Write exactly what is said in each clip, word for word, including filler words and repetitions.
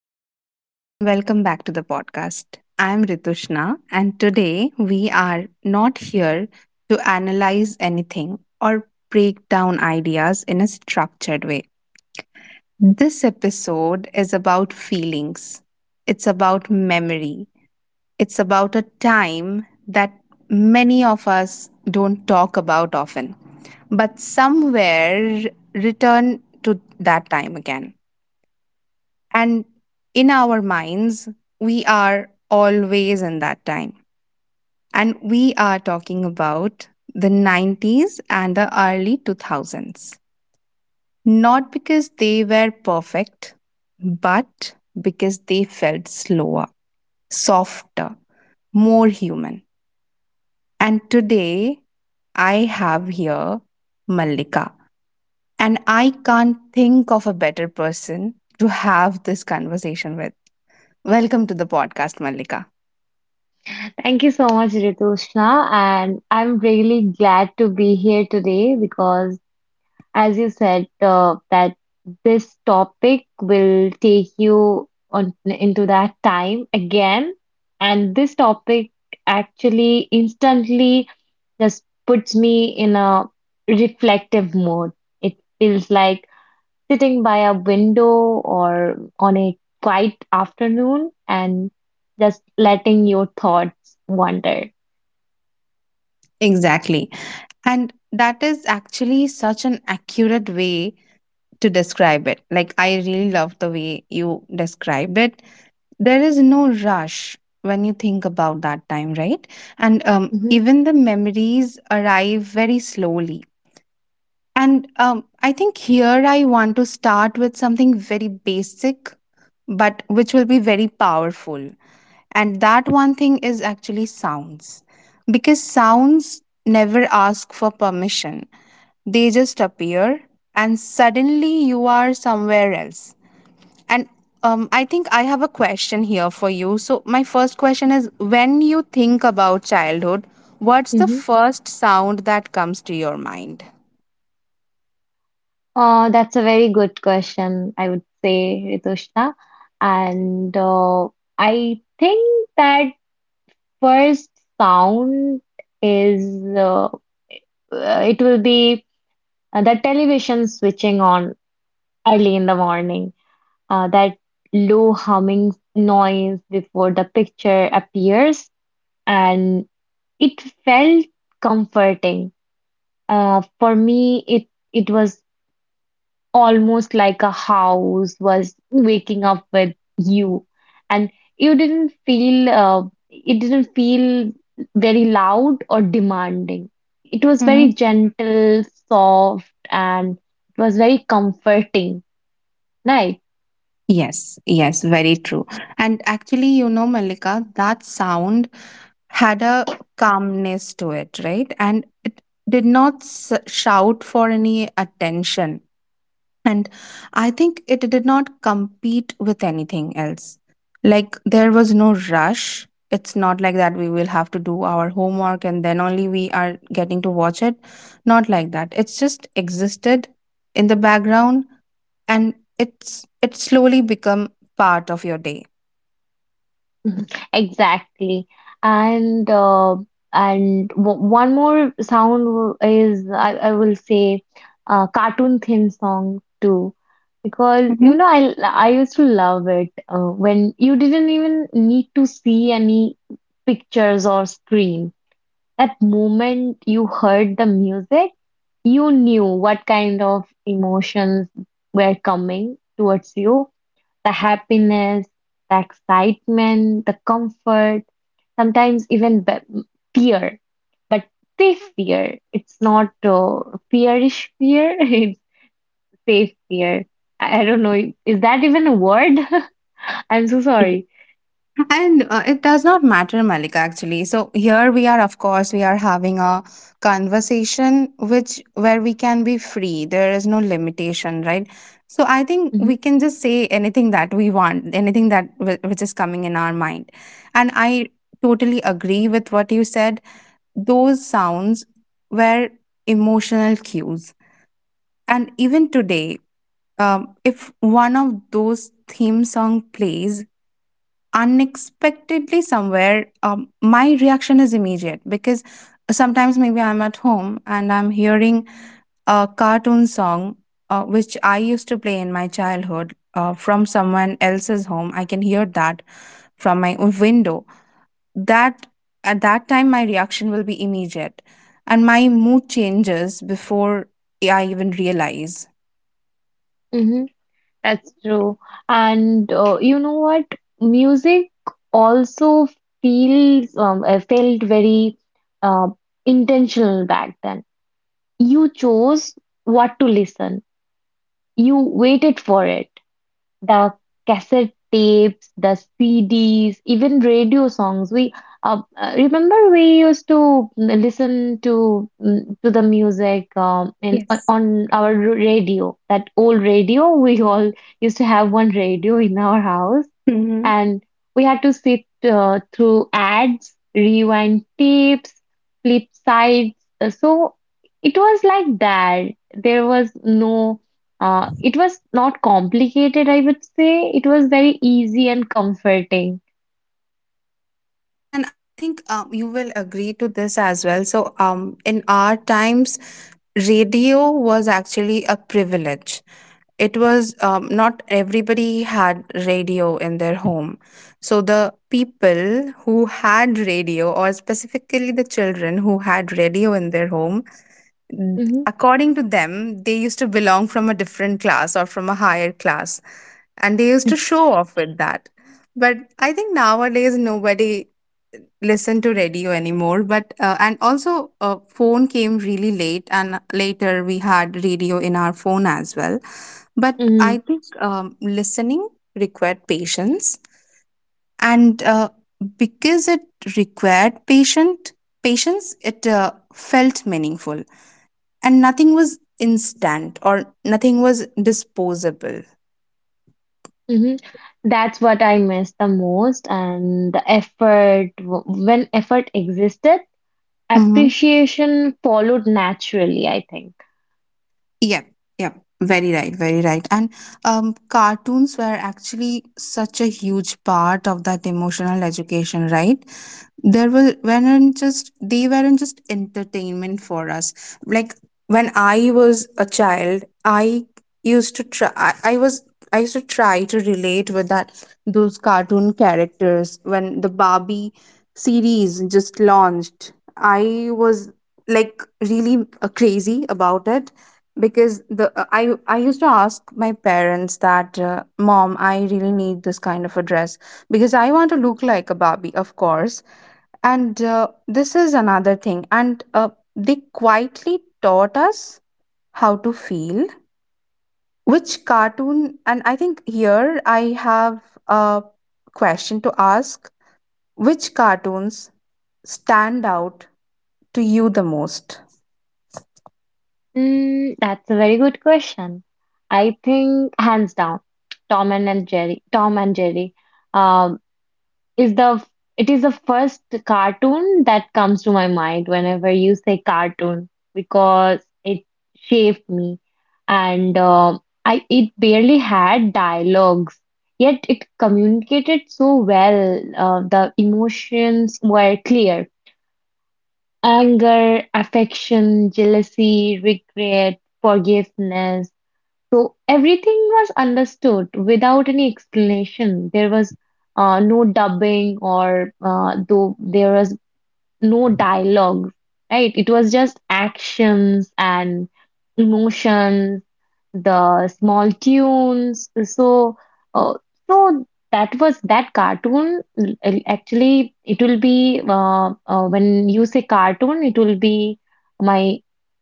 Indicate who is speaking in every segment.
Speaker 1: everyone, and welcome back to the podcast. I'm Ritushna, and today we are not here to analyze anything or break down ideas in a structured way. This episode is about feelings, it's about memory, it's about a time that many of us don't talk about often, but somewhere return to that time again. And in our minds, we are always in that time. And we are talking about the nineties and the early two thousands. Not because they were perfect, but because they felt slower, softer, more human. And today, I have here Mallika. And I can't think of a better person to have this conversation with. Welcome to the podcast, Malika.
Speaker 2: Thank you so much, Ritushna, and I'm really glad to be here today because, as you said, uh, that this topic will take you on into that time again, and this topic actually instantly just puts me in a reflective mode. It feels like sitting by a window or on a quiet afternoon and just letting your thoughts wander.
Speaker 1: Exactly. And that is actually such an accurate way to describe it. Like, I really love the way you described it. There is no rush when you think about that time, right? And um,
Speaker 2: Mhm.
Speaker 1: even the memories arrive very slowly. And um, I think here I want to start with something very basic, but which will be very powerful. And that one thing is actually sounds, because sounds never ask for permission, they just appear and suddenly you are somewhere else. And um, I think I have a question here for you. So my first question is, when you think about childhood, what's the
Speaker 2: Mhm.
Speaker 1: first sound that comes to your mind?
Speaker 2: Uh, that's a very good question, I would say, Ritushna. And uh, I think that first sound is uh, uh, it will be uh, the television switching on early in the morning. Uh, that low humming noise before the picture appears, and it felt comforting. Uh, for me, it it was almost like a house was waking up with you, and you didn't feel, uh, it didn't feel very loud or demanding. It was very
Speaker 1: Hmm
Speaker 2: gentle, soft, and it was very comforting, right?
Speaker 1: Yes, yes, very true. And actually, you know, Malika, that sound had a calmness to it, right? And it did not s- shout for any attention. And I think it did not compete with anything else. Like there was no rush. It's not like that we will have to do our homework and then only we are getting to watch it. Not like that. It's just existed in the background and it's it slowly become part of your day.
Speaker 2: Exactly. And uh, and w- one more sound w- is I, I will say, uh, cartoon theme song too, because you
Speaker 1: Mhm.
Speaker 2: know I I used to love it uh, when you didn't even need to see any pictures or screen. That moment you heard the music, you knew what kind of emotions were coming towards you: the happiness, the excitement, the comfort, sometimes even be- fear. But safe fear. It's not, uh, fearish fear, it's safe fear. I I don't know. Is that even a word? I'm so sorry.
Speaker 1: And uh, it does not matter, Malika, actually. So here we are, of course, we are having a conversation which where we can be free. There is no limitation, right? So I think
Speaker 2: Hmm.
Speaker 1: we can just say anything that we want, anything that whi- which is coming in our mind. And I totally agree with what you said. Those sounds were emotional cues. And even today, um, if one of those theme song plays unexpectedly somewhere, um, my reaction is immediate, because sometimes maybe I'm at home and I'm hearing a cartoon song uh, which I used to play in my childhood, uh, from someone else's home. I can hear that from my window, that at that time my reaction will be immediate and my mood changes before I even realize.
Speaker 2: Hmm. That's true. And uh, you know what? Music also feels um, uh, felt very, uh, intentional back then. You chose what to listen. You waited for it. The cassette tapes, the C Ds, even radio songs. We uh, uh, remember, we used to listen to mm, to the music, um, in on
Speaker 1: Yes.
Speaker 2: on our radio. That old radio, we all used to have one radio in our house,
Speaker 1: Hmm.
Speaker 2: and we had to sit uh, through ads, rewind tapes, flip sides. Uh, So it was like that. There was no, uh, it was not complicated, I would say. It was very easy and comforting.
Speaker 1: Yes, and I think um, you will agree to this as well. So, um, in our times, radio was actually a privilege. It was, um, not everybody had radio in their home. So, the people who had radio, or specifically the children who had radio in their home, n-
Speaker 2: Hmm.
Speaker 1: according to them, they used to belong from a different class or from a higher class, and they used to show off with that. But I think nowadays nobody listen to radio anymore. But uh, and also uh, phone came really late, and later we had radio in our phone as well. But I
Speaker 2: Hmm.
Speaker 1: think um, listening required patience, and uh, because it required patient patience, it uh, felt meaningful, and nothing was instant or nothing was disposable.
Speaker 2: Hmm. That's what I miss the most. And the effort, w- when effort existed, appreciation followed naturally, I think.
Speaker 1: Yep, yep. Very right, very right. And um, cartoons were actually such a huge part of that emotional education, right? there were weren't just they weren't just entertainment for us. Like, when I was a child, i used to try i, I was i used to try to relate with that those cartoon characters. When the Barbie series just launched, I was like really uh, crazy about it, because the uh, I I used to ask my parents that, uh, mom, I really need this kind of a dress because I want to look like a Barbie, of course. And uh, this is another thing. And uh, they quietly taught us how to feel. Which cartoon, and I think here I have a question to ask, which cartoons stand out to you the most?
Speaker 2: Mm, that's a very good question. I think hands down, Tom and Jerry. Tom and Jerry, um, is the it is the first cartoon that comes to my mind whenever you say cartoon, because it shaped me, and um I it barely had dialogues, yet it communicated so well. Uh, the emotions were clear: anger, affection, jealousy, regret, forgiveness. So everything was understood without any explanation. There was, uh, no dubbing, or uh, though there was no dialogue, right? It was just actions and emotions, the small tunes. So, uh, so that was that cartoon. l- l- Actually, it will be uh, uh, when you say cartoon, it will be my,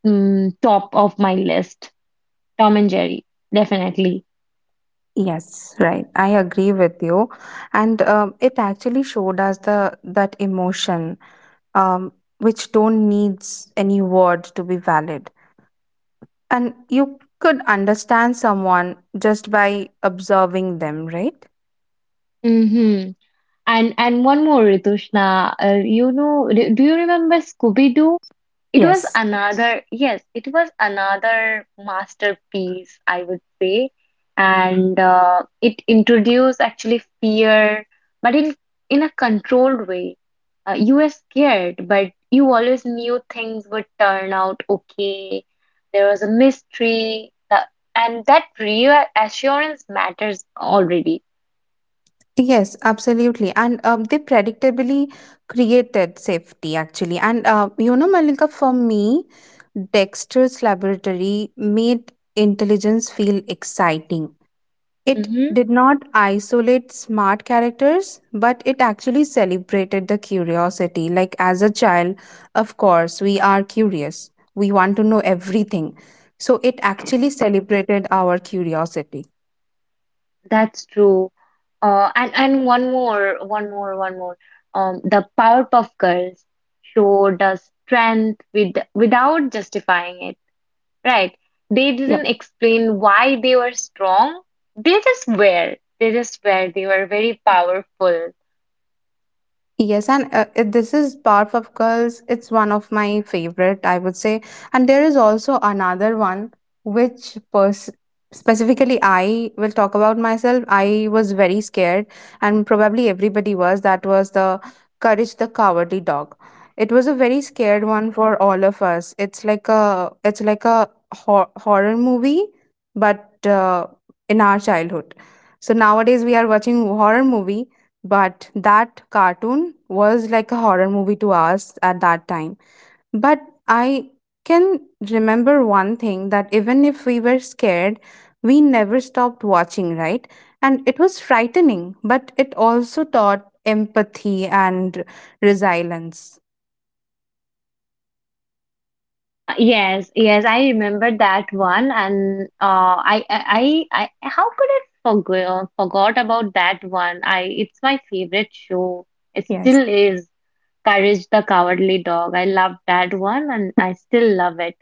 Speaker 2: mm, top of my list. Tom and Jerry, definitely.
Speaker 1: Yes, right. I agree with you, and um, it actually showed us the that emotion, um, which don't needs any word to be valid. And you could understand someone just by observing them, right?
Speaker 2: Hmm. And and one more, Ritushna. Uh, you know, do, do you remember Scooby Doo? It was
Speaker 1: Yes.
Speaker 2: another, yes, it was another masterpiece, I would say. And uh, it introduced actually fear, but in in a controlled way. Uh, you were scared, but you always knew things would turn out okay. There was a mystery, that, and that real assurance matters already.
Speaker 1: Yes, absolutely. And um, they predictably created safety, actually. And, uh, you know, Malika, for me, Dexter's Laboratory made intelligence feel exciting. It did not isolate smart characters, but it actually celebrated the curiosity. Like, as a child, of course, we are curious, we want to know everything. So, it actually celebrated our curiosity.
Speaker 2: That's true. Uh, and and one more, one more, one more. Um, the Powerpuff Girls showed us strength with without justifying it, right? They
Speaker 1: Yep.
Speaker 2: didn't explain why they were strong. They just were. They just were. They were very powerful.
Speaker 1: Yes, and uh, it- this is Powerpuff of Girls. It's one of my favorite, I would say. And there is also another one which pers- specifically I will talk about myself. I was very scared, and probably everybody was. That was the Courage the Cowardly Dog. It was a very scared one for all of us. It's like a it's like a hor- horror movie, but uh, in our childhood. So nowadays we are watching horror movie, but that cartoon was like a horror movie to us at that time. But I can remember one thing, that even if we were scared, we never stopped watching, right? And it was frightening, but it also taught empathy and resilience.
Speaker 2: Uh, yes, yes, I remember that one, and uh, I, I, I, I- how could I forgo forgot about that one? I, it's my favorite show. It
Speaker 1: Yes.
Speaker 2: still is. Courage the Cowardly Dog. I love that one and I still love it.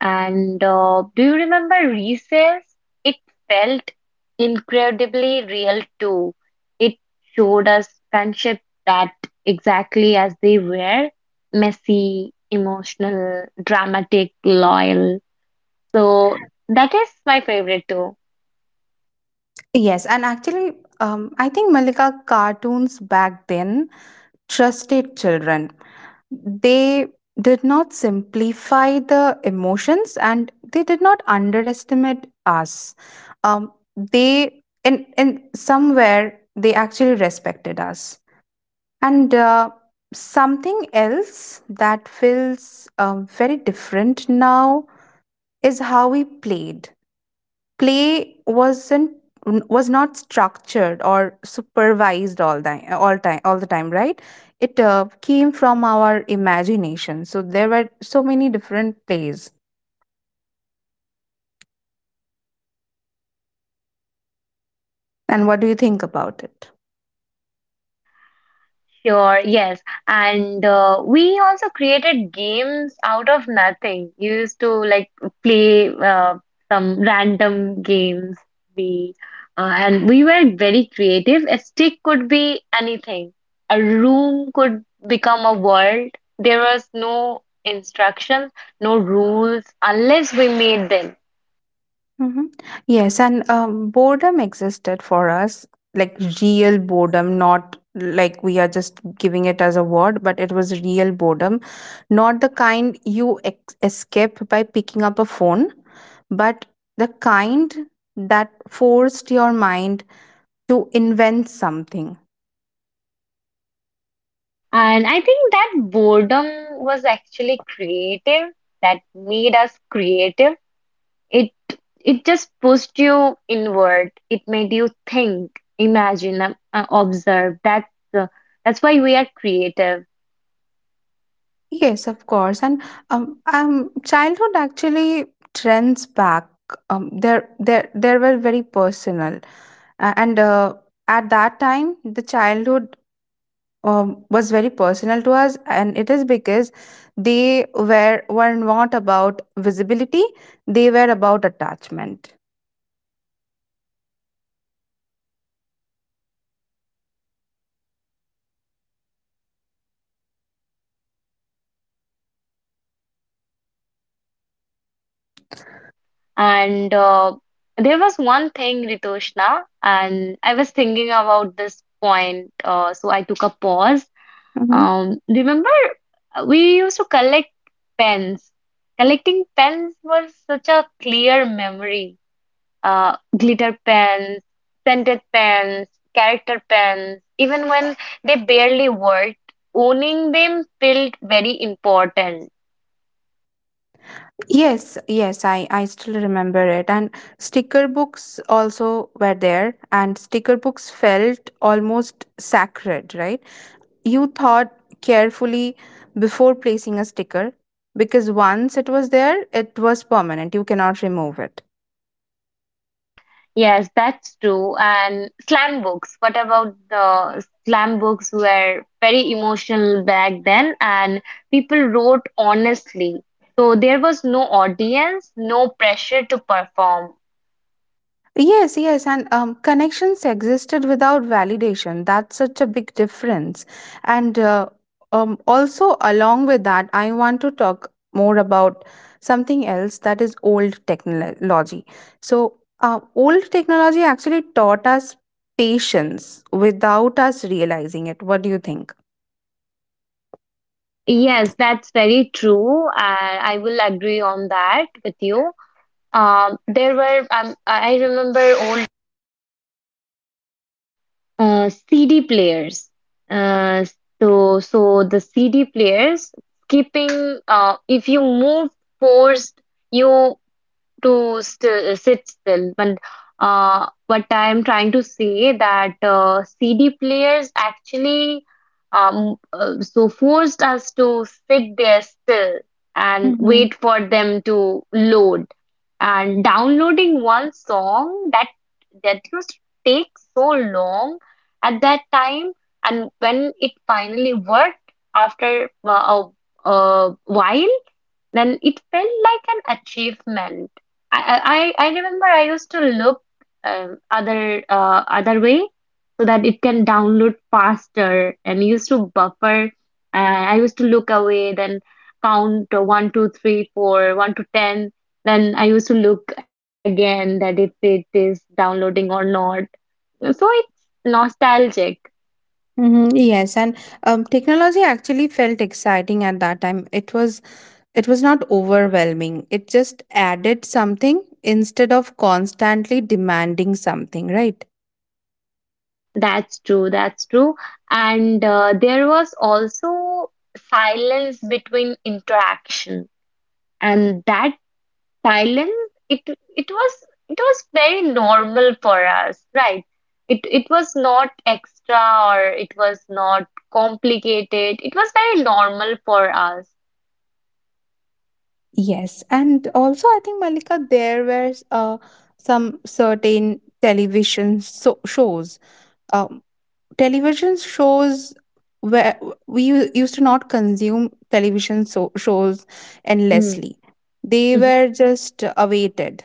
Speaker 2: And uh, do you remember Recess? It felt incredibly real too. It showed us friendship that, exactly as they were: messy, emotional, dramatic, loyal. So that is my favorite too.
Speaker 1: Yes, and actually um, I think, Malika, cartoons back then trusted children. They did not simplify the emotions and they did not underestimate us. Um, they, in, in somewhere, they actually respected us. And uh, something else that feels um, very different now is how we played. Play wasn't was not structured or supervised all the all time all the time, right? It uh, came from our imagination, so there were so many different plays. And what do you think about it?
Speaker 2: Sure, yes. And uh, we also created games out of nothing. We used to like play, uh, some random games. We uh, and we were very creative. A stick could be anything. A room could become a world. There was no instructions, no rules unless we made them.
Speaker 1: Hmm. Yes, and um, boredom existed for us, like real boredom, not like we are just giving it as a word, but it was real boredom, not the kind you ex- escape by picking up a phone, but the kind that forced your mind to invent something.
Speaker 2: And I think that boredom was actually creative. That made us creative. It it just pushed you inward. It made you think, imagine, uh, uh, observe. That's uh, that's why we are creative.
Speaker 1: Yes, of course, and um, um childhood actually trends back. Um, there, there, there were very personal. A- and uh, At that time the childhood um, was very personal to us, and it is because they were were not about visibility, they were about attachment.
Speaker 2: And uh, there was one thing, Ritoshna, and I was thinking about this point, uh, so I took a pause.
Speaker 1: Hmm.
Speaker 2: Um, remember, uh, we used to collect pens. Collecting pens was such a clear memory. Uh, glitter pens, scented pens, character pens, even when they barely worked, owning them felt very important.
Speaker 1: Yes, yes, i i still remember it. And sticker books also were there, and sticker books felt almost sacred, right? You thought carefully before placing a sticker, because once it was there, it was permanent, you cannot remove it.
Speaker 2: Yes, that's true. And slam books. What about the slam books, were very emotional back then, and people wrote honestly. So there was no audience, no pressure to perform.
Speaker 1: Yes, yes, and um, connections existed without validation. That's such a big difference. And uh, um, also, along with that, I want to talk more about something else, that is old technology. So, uh, old technology actually taught us patience without us realizing it. What do you think?
Speaker 2: Yes, that's very true. And I will agree on that with you. Um, there were um, I remember old, uh, C D players. Uh, so so the C D players skipping. Uh, if you move forced, you to still sit still. But uh, what I'm trying to say, that uh, C D players actually um, uh, so forced us to sit there still and wait for them to load. And downloading one song, that that used to take so long at that time, and when it finally worked after uh, a, a while, then it felt like an achievement. I, I, I I remember I used to look, um, other uh, other way, so that it can download faster and used to buffer. Uh, I used to look away, then count, uh, one, two, three, four, one to ten. Then I used to look again that if it is downloading or not. So it's nostalgic.
Speaker 1: Mm-hmm. Yes, and um, technology actually felt exciting at that time. It was it was not overwhelming. It just added something instead of constantly demanding something, right?
Speaker 2: That's true, that's true. And uh, there was also silence between interaction. And that silence, it it was it was very normal for us, right? It it was not extra or it was not complicated. It was very normal for us.
Speaker 1: Yes, and also I think, Malika, there were uh, some certain television so- shows. Um, television shows where we u- used to not consume television so- shows
Speaker 2: Mm.
Speaker 1: endlessly. They
Speaker 2: Mhm.
Speaker 1: were just awaited.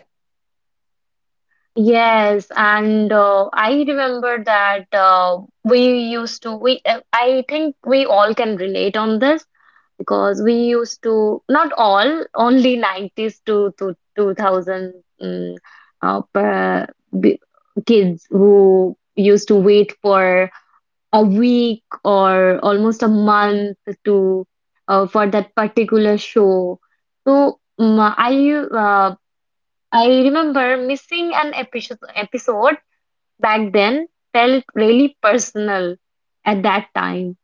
Speaker 2: Yes, and uh, I remember that, uh, we used to we uh, I think we all can relate on this, because we used to, not all, only nineties to to two thousand, mm, uh, per- b- kids, who used to wait for a week or almost a month to uh, for that particular show. So mm, i uh, i remember missing an episode episode back then felt really personal at that time,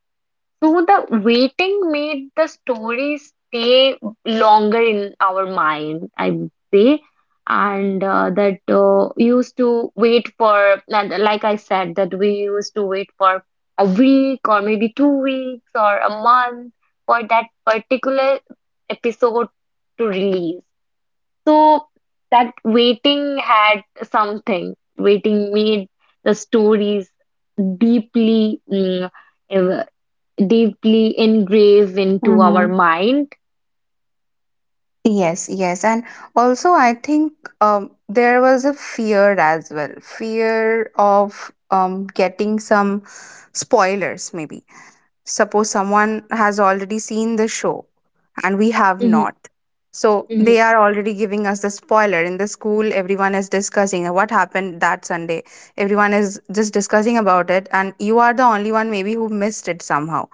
Speaker 2: so the waiting made the story stay longer in our mind, I would say. And uh, that, uh, used to wait for, and like I said, that we used to wait for a week or maybe two weeks or a month for that particular episode to release. So that waiting had something. Waiting made the stories deeply mm, deeply engraved into our mind.
Speaker 1: Yes, yes. And also, I think um, there was a fear as well, fear of um, getting some spoilers, maybe. Suppose someone has already seen the show and we have
Speaker 2: Mm-hmm.
Speaker 1: not. So
Speaker 2: Mm-hmm.
Speaker 1: they are already giving us the spoiler. In the school, everyone is discussing what happened that Sunday. Everyone is just discussing about it, and you are the only one maybe who missed it somehow,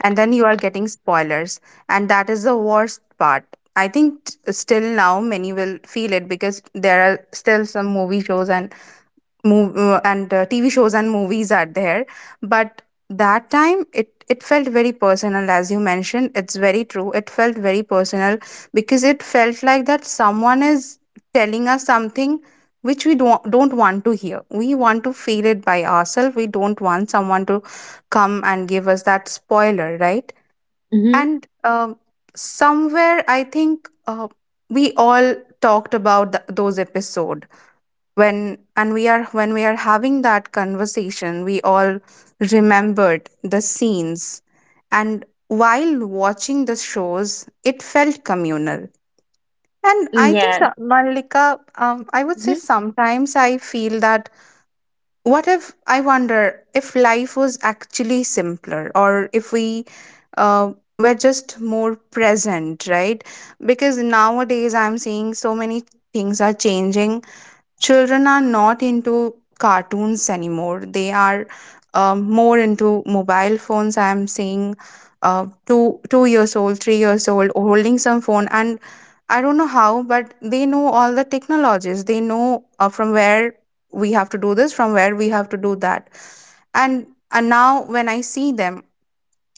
Speaker 1: and then you are getting spoilers, and that is the worst part. I think t- still now many will feel it, because there are still some movie shows and move and uh, TV shows and movies are there. But that time it it felt very personal. As you mentioned, it's very true, it felt very personal, because it felt like that someone is telling us something which we don't don't want to hear. We want to feel it by ourselves, we don't want someone to come and give us that spoiler, right?
Speaker 2: Mm-hmm.
Speaker 1: And um, somewhere, I think uh, we all talked about th- those episode. When and we are when we are having that conversation, we all remembered the scenes, and while watching the shows, it felt communal. And I think,
Speaker 2: Yes.
Speaker 1: so- Malika, um, I would say sometimes I feel that, what if, I wonder if life was actually simpler, or if we uh, were just more present, right? Because nowadays I'm seeing so many things are changing. Children are not into cartoons anymore. They are um, more into mobile phones. I am seeing uh, two two years old, three years old holding some phone, and I don't know how, but they know all the technologies. They know uh, from where we have to do this, from where we have to do that, and and now when I see them,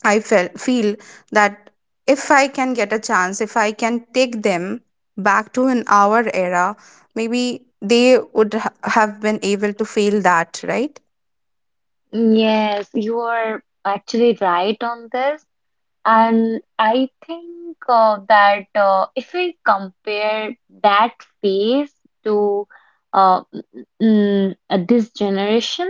Speaker 1: I felt feel that if I can get a chance, if I can take them back to an our era, maybe they would ha- have been able to feel that, right?
Speaker 2: Mm-hmm. Yes, you are actually right on this. And I think uh, that, uh, if we compare that phase to, uh, mm, uh, this generation,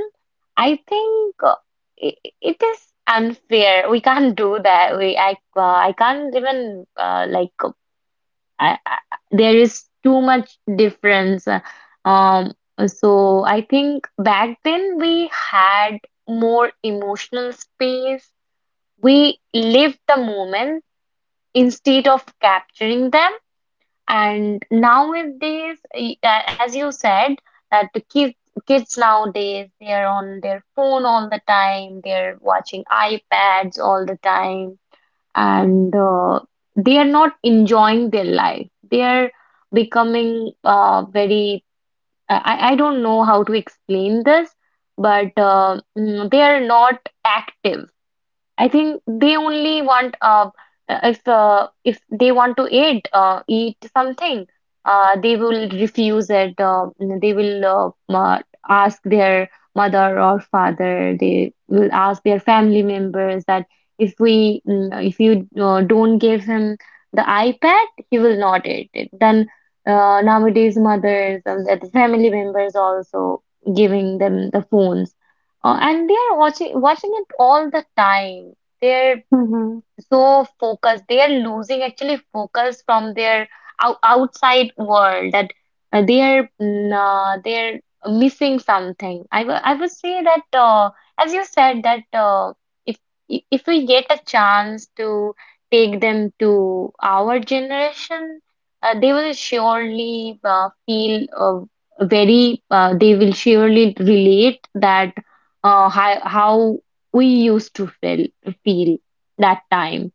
Speaker 2: I think, uh, i i- it is unfair. We can't do that. We I uh, I can't even, uh, like, I, I there is too much difference. Uh, Um, so I think back then we had more emotional space. We lived the moment instead of capturing them. And nowadays, y- a- as you said, that the kids kids nowadays, they are on their phone all the time. They're watching iPads all the time, and uh, they are not enjoying their life. They are becoming, uh, very, I, I don't know how to explain this, but, uh, mm, they are not active. I think they only want, uh, uh, if, uh, if they want to eat, uh, eat something, uh, they will refuse it. Uh, they will, uh, ma- ask their mother or father. They will ask their family members that, if we mm, if you uh, don't give him the iPad, he will not eat it. Then uh, nowadays, mothers and the family members also giving them the phones, uh, and they are watching watching it all the time. They're
Speaker 1: Mm-hmm.
Speaker 2: so focused, they are losing actually focus from their out outside world, that, uh, they are mm, uh, they're missing something. I w- I would say that, uh, as you said that, uh, if i- if we get a chance to take them to our generation, uh, they will surely, uh, feel, uh, very, uh, they will surely relate that, uh, how, how we used to feel feel that time,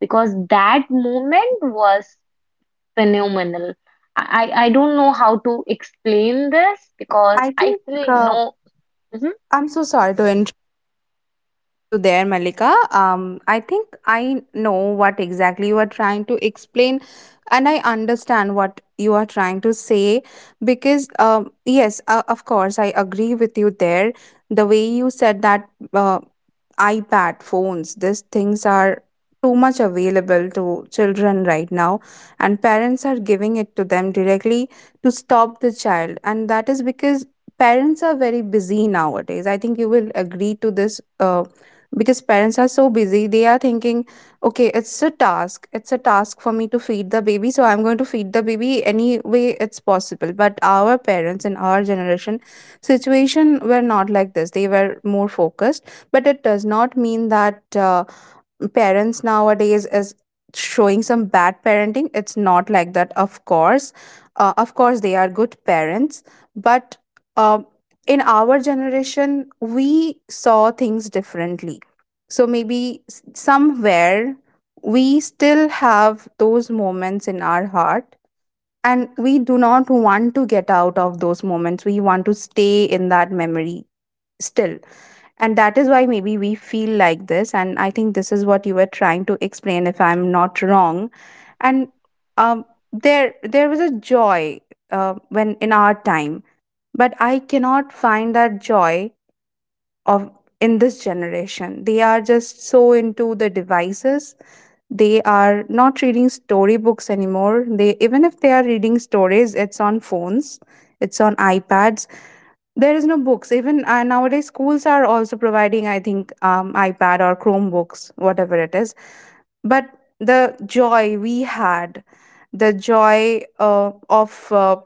Speaker 2: because that moment was phenomenal. I, I I don't know how to explain this because
Speaker 1: I
Speaker 2: I
Speaker 1: think
Speaker 2: feel
Speaker 1: uh,
Speaker 2: no. Mhm.
Speaker 1: I'm so sorry to interrupt you there, Malika. Um, I think I know what exactly you are trying to explain, and I understand what you are trying to say because, um, yes, uh, of course, I agree with you there. The way you said that. Uh, iPad, phones, these things are too much available to children right now, and parents are giving it to them directly to stop the child. And that is because parents are very busy nowadays. I think you will agree to this uh, because parents are so busy, they are thinking, okay, it's a task, it's a task for me to feed the baby, so I'm going to feed the baby any way it's possible. But our parents in our generation situation were not like this. They were more focused, but it does not mean that uh, parents nowadays is showing some bad parenting. It's not like that. Of course, uh, of course they are good parents. But uh, in our generation, we saw things differently, so maybe s- somewhere we still have those moments in our heart, and we do not want to get out of those moments. We want to stay in that memory still, and that is why maybe we feel like this. And I think this is what you were trying to explain, if I'm not wrong. And um, there there was a joy uh, when in our time, but I cannot find that joy of in this generation. They are just so into the devices. They are not reading storybooks anymore. They, even if they are reading stories, it's on phones, it's on iPads. There is no books. Even uh, nowadays, schools are also providing, I think, um, iPad or Chromebooks, whatever it is. But the joy we had, the joy uh, of uh,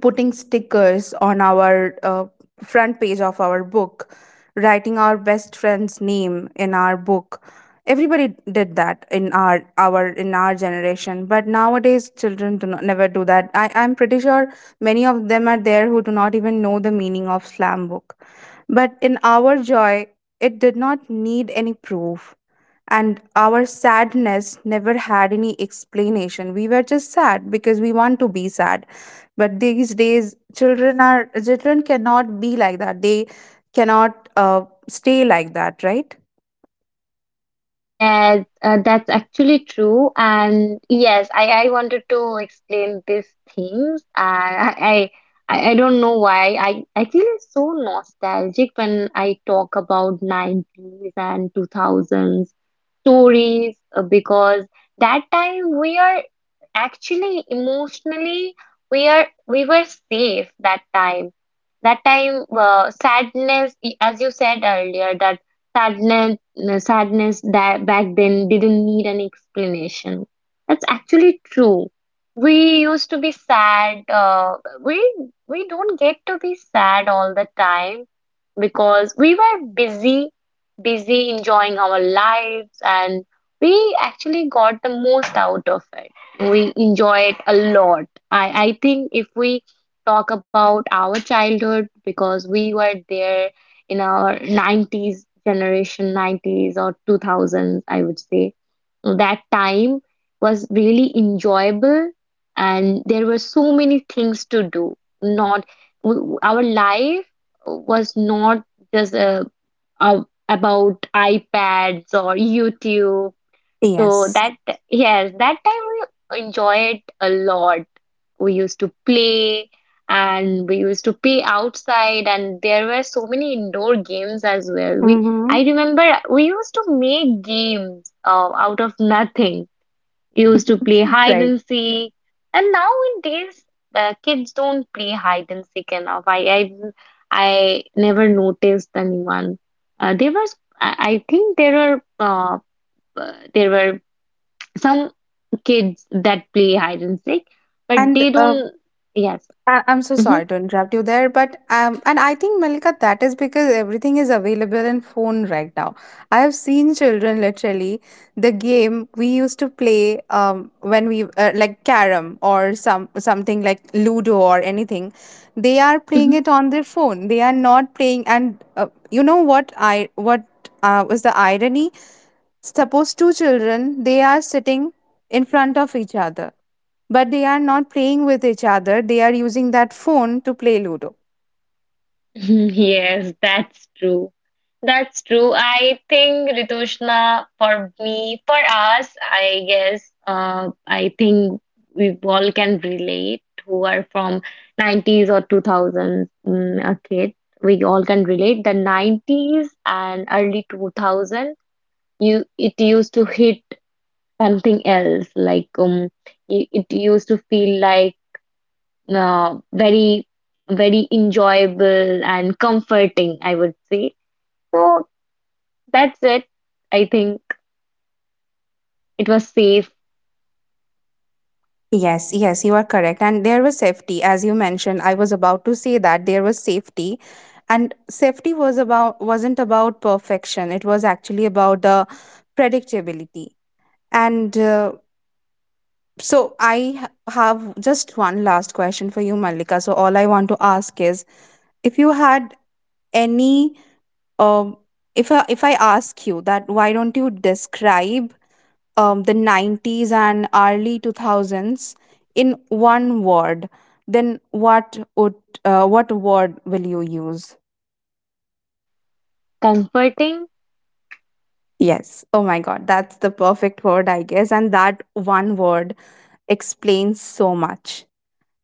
Speaker 1: putting stickers on our uh, front page of our book, writing our best friend's name in our book. Everybody did that in our our in our generation, but nowadays children do not, never do that. I I'm pretty sure many of them are there who do not even know the meaning of slam book. But in our joy, it did not need any proof, and our sadness never had any explanation. We were just sad because we want to be sad. But these days, children are children cannot be like that. They cannot uh, stay like that, right?
Speaker 2: Yes, uh, that's actually true. And yes, I, I wanted to explain these things. Uh, I, I, I I don't know why. I, I feel so nostalgic when I talk about nineties and two thousands stories, uh, because that time we are actually emotionally, we are, we were safe that time. That time, uh, sadness, y- as you said earlier, that sadness, uh, sadness that back then didn't need an explanation. That's actually true. We used to be sad. Uh, we we don't get to be sad all the time because we were busy, busy enjoying our lives, and we actually got the most out of it. We enjoy it a lot. I I think if we talk about our childhood, because we were there in our nineties generation, nineties or two thousands, I would say. So that time was really enjoyable, and there were so many things to do. Not, w- our life was not just, uh, uh, about iPads or YouTube, so
Speaker 1: Yes.
Speaker 2: that, yes, that time we enjoy it a lot. We used to play, and we used to play outside, and there were so many indoor games as well. We,
Speaker 1: Mm-hmm.
Speaker 2: I remember we used to make games, uh, out of nothing. We used to play hide
Speaker 1: Right.
Speaker 2: and seek. And nowadays, the kids don't play hide and seek enough. I, I, I never noticed anyone. Uh, there was, I, I think there were uh, uh, there were some kids that play hide and seek, but
Speaker 1: And
Speaker 2: they
Speaker 1: uh,
Speaker 2: don't. Yes.
Speaker 1: I, I'm so
Speaker 2: Hmm.
Speaker 1: sorry to interrupt you there, but um, and I think, Malika, that is because everything is available in phone right now. I have seen children literally the game we used to play, um when we uh, like carom or some something like Ludo or anything. They are playing
Speaker 2: Hmm.
Speaker 1: it on their phone. They are not playing, and uh, you know what I what uh, was the irony? Suppose two children, they are sitting in front of each other, but they are not playing with each other. They are using that phone to play Ludo.
Speaker 2: Yes, that's true. That's true. I think Ritushna, for me, for us, I guess, uh, I think we all can relate, who are from nineties or two thousands, mm, a kid. We all can relate. The nineties and early two thousand, you it used to hit something else. Like, um, it, it used to feel like, uh, very, very enjoyable and comforting, I would say. So that's it. I think it was safe,
Speaker 1: Yes, yes, you are correct. And there was safety, as you mentioned. I was about to say that there was safety. And safety was about wasn't about perfection. It was actually about the predictability. And uh, so I ha- have just one last question for you, Malika. So all I want to ask is, if you had any um, if I, if I ask you that, why don't you describe, um, the nineties and early two thousands in one word, then what would, uh, what word will you use?
Speaker 2: comforting,
Speaker 1: Yes, oh my god, that's the perfect word, I guess. And that one word explains so much.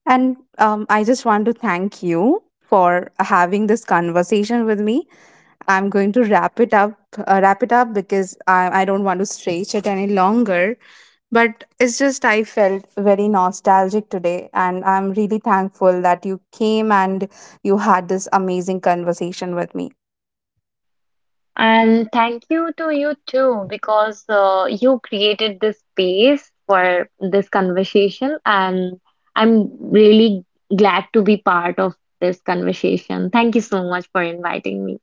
Speaker 1: And um, I just want to thank you for having this conversation with me. I'm going to wrap it up, uh, wrap it up because I, I don't want to stretch it any longer. But it's just I felt very nostalgic today, and I'm really thankful that you came and you had this amazing conversation with me.
Speaker 2: and thank you to you too, because, uh, you created this space for this conversation, and I'm really glad to be part of this conversation. Thank you so much for inviting me.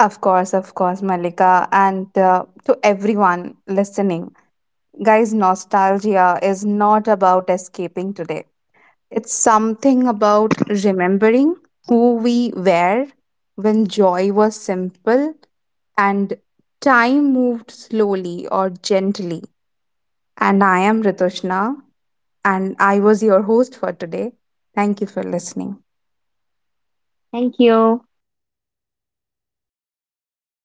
Speaker 1: Of course, of course, Malika, and uh, to everyone listening, guys, nostalgia is not about escaping today. It's something about remembering who we were when joy was simple and time moved slowly or gently. And I am Ritushna, and I was your host for today. Thank you for listening.
Speaker 2: Thank you.